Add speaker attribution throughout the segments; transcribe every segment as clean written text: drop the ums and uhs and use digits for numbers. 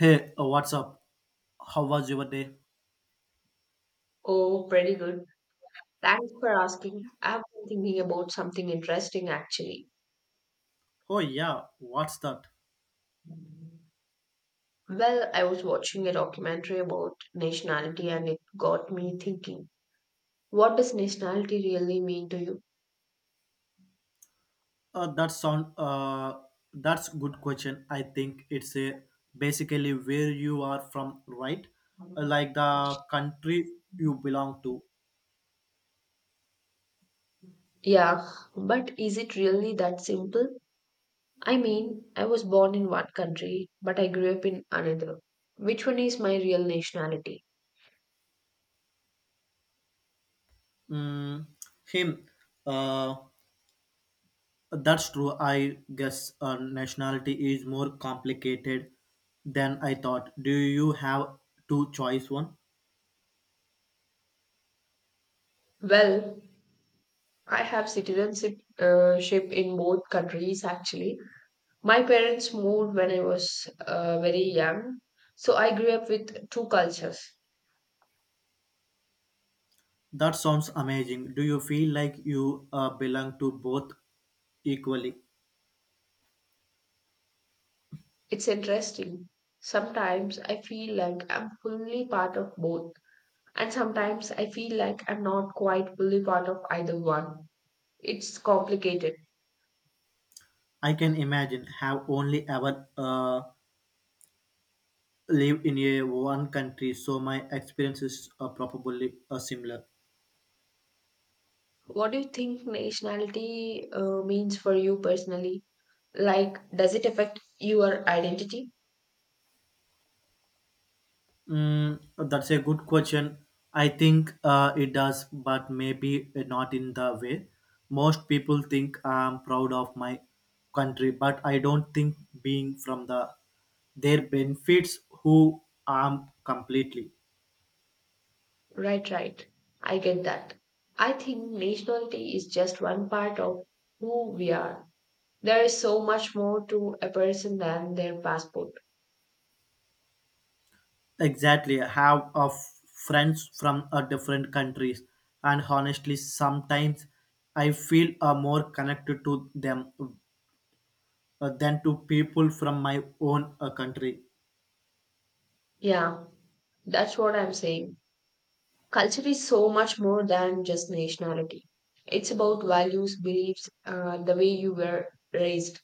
Speaker 1: Hey, what's up? How was your day?
Speaker 2: Oh, pretty good. Thanks for asking. I've been thinking about something interesting actually.
Speaker 1: Oh yeah, what's that?
Speaker 2: Well, I was watching a documentary about nationality and it got me thinking. What does nationality really mean to you?
Speaker 1: That sound. That's good question. I think it's a basically where you are from, right? Like the country you belong to.
Speaker 2: Yeah, but is it really that simple? I mean, I was born in one country, but I grew up in another. Which one is my real nationality?
Speaker 1: Mm, him. Uh, that's true. I guess nationality is more complicated than I thought. Do you have two choice one?
Speaker 2: Well, I have citizenship ship in both countries actually. My parents moved when I was very young, so I grew up with two cultures.
Speaker 1: That sounds amazing. Do you feel like you belong to both equally?
Speaker 2: It's interesting. Sometimes I feel like I'm fully part of both, and sometimes I feel like I'm not quite fully part of either one. It's complicated.
Speaker 1: I can imagine have only ever lived in a one country, so my experiences are probably similar.
Speaker 2: What do you think nationality means for you personally? Like, does it affect your identity?
Speaker 1: Mm, that's a good question. I think it does, but maybe not in the way most people think. I'm proud of my country, but I don't think being from the there benefits who I'm completely.
Speaker 2: Right, right. I get that. I think nationality is just one part of who we are. There is so much more to a person than their passport.
Speaker 1: Exactly. I have a friends from a different countries, and honestly, sometimes I feel more connected to them than to people from my own country.
Speaker 2: Yeah, that's what I'm saying. Culture is so much more than just nationality. It's about values, beliefs, the way you were raised.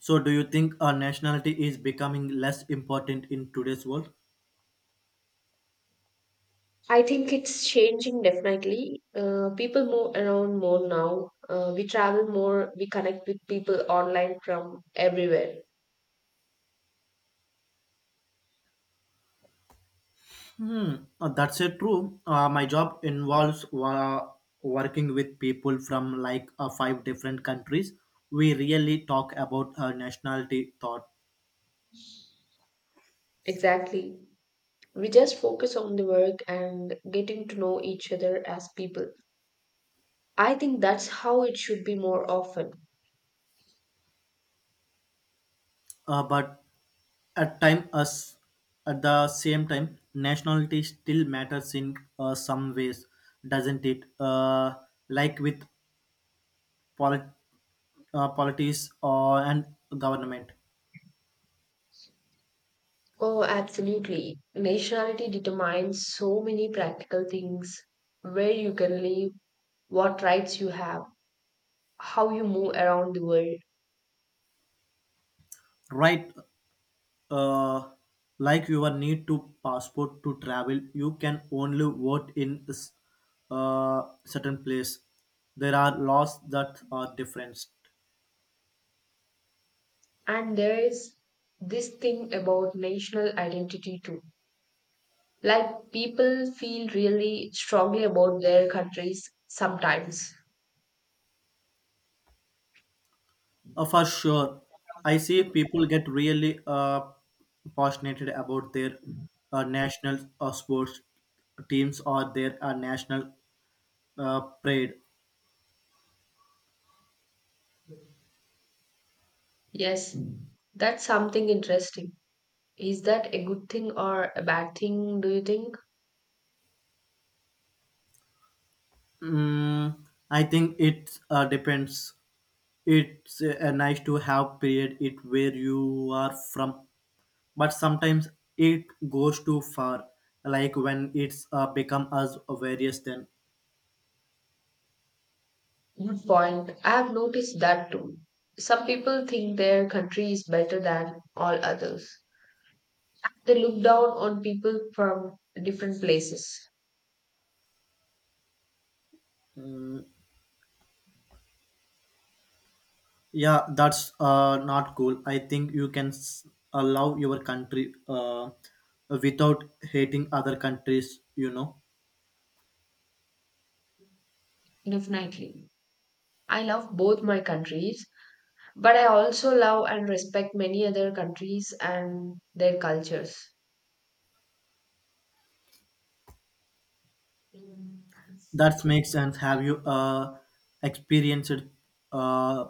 Speaker 1: So, do you think nationality is becoming less important in today's world?
Speaker 2: I think it's changing definitely. People move around more now. We travel more. We connect with people online from everywhere.
Speaker 1: Hmm, that's it. True. My job involves working with people from like five different countries. We really talk about nationality thought,
Speaker 2: Exactly. We just focus on the work and getting to know each other as people. I think that's how it should be more often.
Speaker 1: but At time as at the same time, nationality still matters in some ways, doesn't it? Like with polit- politics or and government,
Speaker 2: Oh, absolutely. Nationality determines so many practical things: where you can live, what rights you have, how you move around the world.
Speaker 1: right? Uh, like your need to passport to travel, you can only vote in certain place. There are laws that are different.
Speaker 2: And there is this thing about national identity too. Like, people feel really strongly about their countries sometimes.
Speaker 1: For sure. I see people get really passionate about their national sports teams or their national pride.
Speaker 2: Yes, that's something interesting. Is that a good thing or a bad thing, do you think?
Speaker 1: Mm, I think it depends. It's nice to have period it where you are from, but sometimes it goes too far. Like when it's become as various then.
Speaker 2: Good point. I have noticed that too. Some people think their country is better than all others. They look down on people from different places.
Speaker 1: Yeah, that's not cool. I think you can allow your country without hating other countries,
Speaker 2: Definitely. I love both my countries, but I also love and respect many other countries and their cultures.
Speaker 1: That makes sense. Have you experienced uh,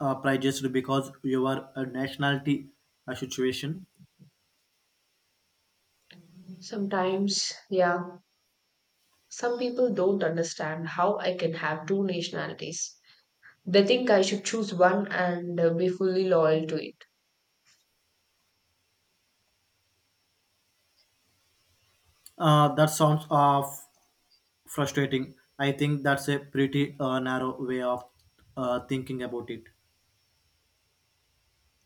Speaker 1: prejudice because your nationality situation?
Speaker 2: Sometimes, yeah, some people don't understand how I can have two nationalities. They think I should choose one and be fully loyal to it.
Speaker 1: That sounds frustrating. I think that's a pretty narrow way of thinking about it.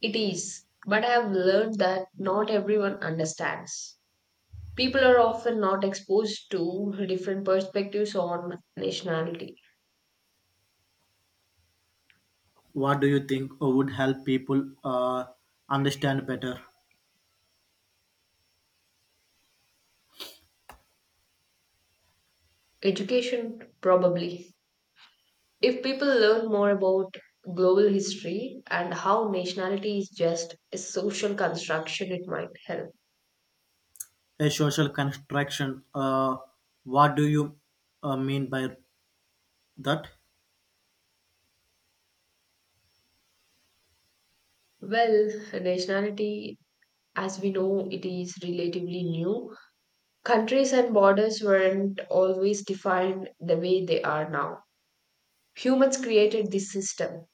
Speaker 2: It is, but I have learned that not everyone understands. People are often not exposed to different perspectives on nationality.
Speaker 1: What do you think would help people understand better?
Speaker 2: Education, probably. If people learn more about global history and how nationality is just a social construction, it might help.
Speaker 1: A social construction. What do you mean by that?
Speaker 2: Well, nationality, as we know, it is relatively new. Countries and borders weren't always defined the way they are now. Humans created this system.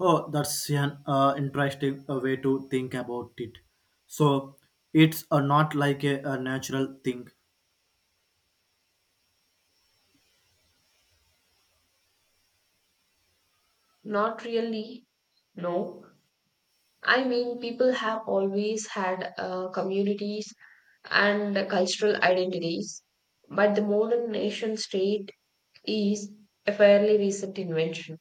Speaker 1: Oh, that's an interesting way to think about it. So it's not like a natural thing.
Speaker 2: Not really, no. I mean, people have always had communities and cultural identities, but the modern nation state is a fairly recent invention.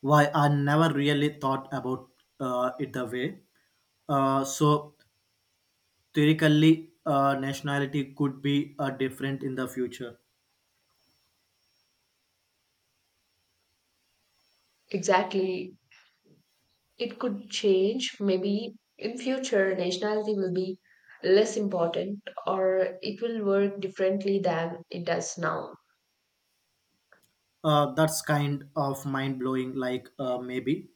Speaker 1: Why I never really thought about it the way. So theoretically, nationality could be different in the future.
Speaker 2: Exactly. It could change. Maybe in future, nationality will be less important or it will work differently than it does now.
Speaker 1: That's kind of mind blowing. Like maybe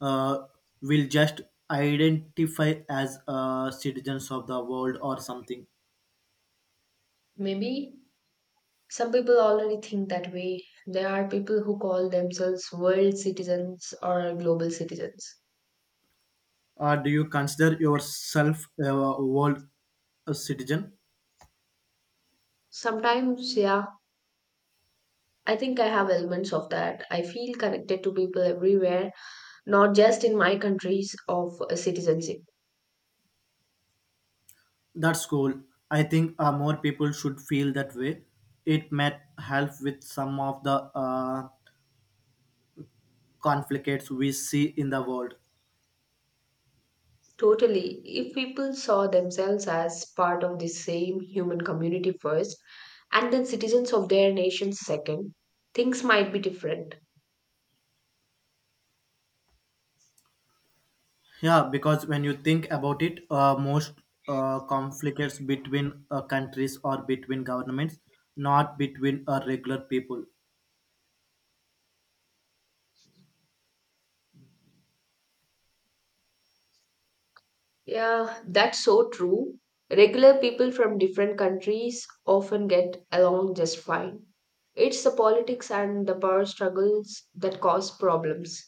Speaker 1: uh, we'll just identify as citizens of the world or something.
Speaker 2: Maybe. Some people already think that way. There are people who call themselves world citizens or global citizens.
Speaker 1: Do you consider yourself a world a citizen?
Speaker 2: Sometimes, yeah, I think I have elements of that. I feel connected to people everywhere, not just in my countries of citizenship.
Speaker 1: That's cool. I think more people should feel that way. It might help with some of the conflicts we see in the world.
Speaker 2: Totally. If people saw themselves as part of the same human community first, and then citizens of their nations second, things might be different.
Speaker 1: Yeah, because when you think about it, most conflicts between countries or between governments, not between regular people.
Speaker 2: Yeah, that's so true. Regular people from different countries often get along just fine. It's the politics and the power struggles that cause problems.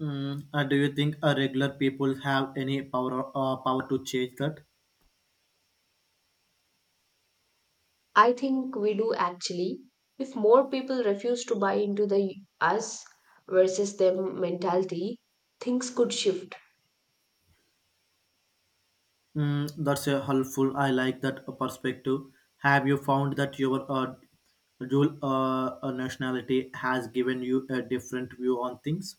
Speaker 1: Mm, do you think regular people have any power to change that?
Speaker 2: I think we do actually. If more people refuse to buy into the us versus them mentality, things could shift.
Speaker 1: Mm, that's helpful. I like that perspective. Have you found that your dual nationality has given you a different view on things?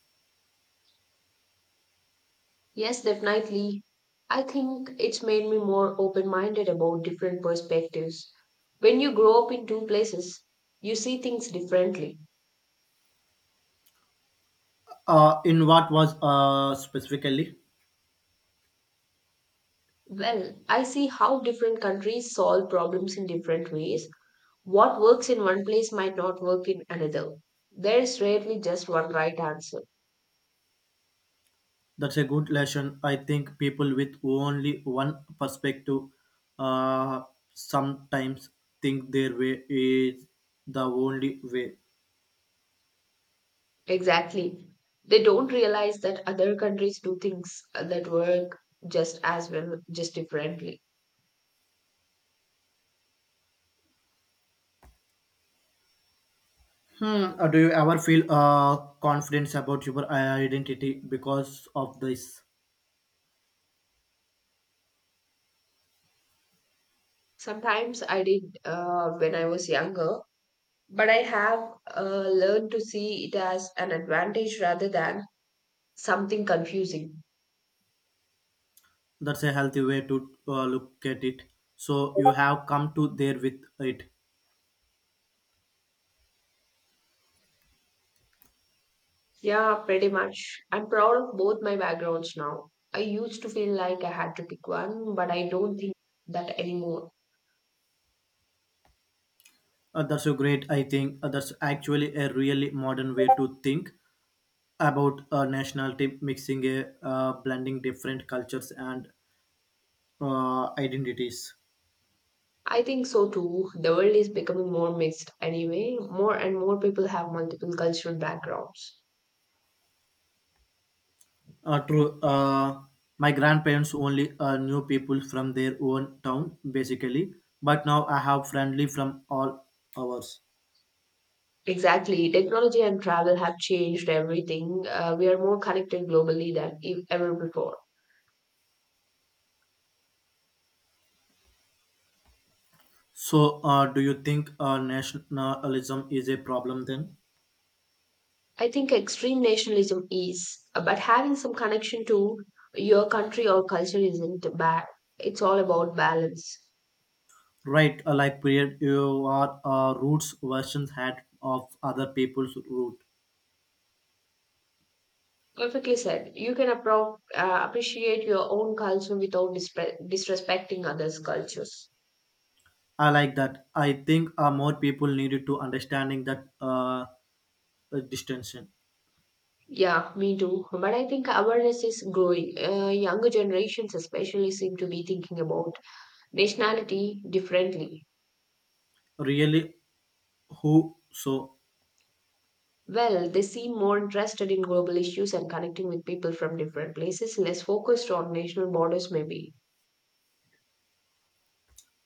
Speaker 2: Yes, definitely. I think it's made me more open minded about different perspectives. When you grow up in two places, you see things differently.
Speaker 1: In what was specifically?
Speaker 2: Well, I see how different countries solve problems in different ways. What works in one place might not work in another. There is rarely just one right answer.
Speaker 1: That's a good lesson. I think people with only one perspective uh, sometimes think their way is the only way.
Speaker 2: Exactly. They don't realize that other countries do things that work just as well, just differently.
Speaker 1: Hmm. Do you ever feel confidence about your identity because of this?
Speaker 2: Sometimes I did when I was younger, but I have uh, learned to see it as an advantage rather than something confusing.
Speaker 1: That's a healthy way to look at it. So you have come to there with it.
Speaker 2: Yeah, pretty much. I'm proud of both my backgrounds now. I used to feel like I had to pick one, but I don't think that anymore.
Speaker 1: That's a great. I think that's actually a really modern way to think about nationality, mixing a blending different cultures and identities.
Speaker 2: I think so too. The world is becoming more mixed anyway. More and more people have multiple cultural backgrounds.
Speaker 1: True. My grandparents only knew people from their own town, basically. But now I have friendly from all ours.
Speaker 2: Exactly. Technology and travel have changed everything. We are more connected globally than ever before.
Speaker 1: So, do you think nationalism is a problem then?
Speaker 2: I think extreme nationalism is, but having some connection to your country or culture isn't bad. It's all about balance.
Speaker 1: Right, like period, you are roots versions had of other people's root.
Speaker 2: Perfectly said. You can appreciate your own culture without disrespecting others' cultures.
Speaker 1: I like that. I think more people needed to understanding that distinction.
Speaker 2: Yeah, me too. But I think awareness is growing. Younger generations, especially, seem to be thinking about nationality differently.
Speaker 1: Really, who so?
Speaker 2: Well, they seem more interested in global issues and connecting with people from different places, less focused on national borders, maybe.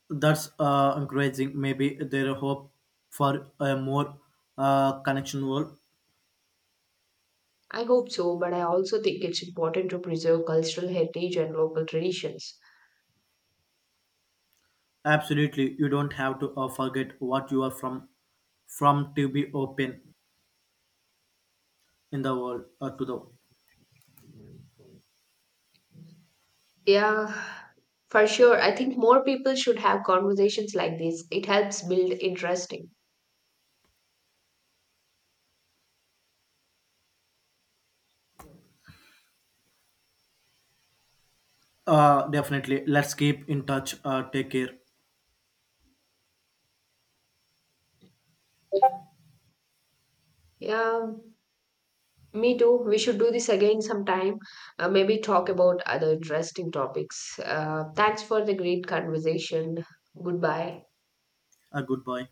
Speaker 1: That's encouraging. Maybe there are hope for a more connection world.
Speaker 2: I hope so, but I also think it's important to preserve cultural heritage and local traditions.
Speaker 1: Absolutely, you don't have to forget what you are from to be open in the world to the
Speaker 2: Yeah, for sure. I think more people should have conversations like this. It helps build interesting.
Speaker 1: definitely. Let's keep in touch. Take care.
Speaker 2: Yeah, me too. We should do this again sometime. Maybe talk about other interesting topics. Thanks for the great conversation. Goodbye.
Speaker 1: Goodbye.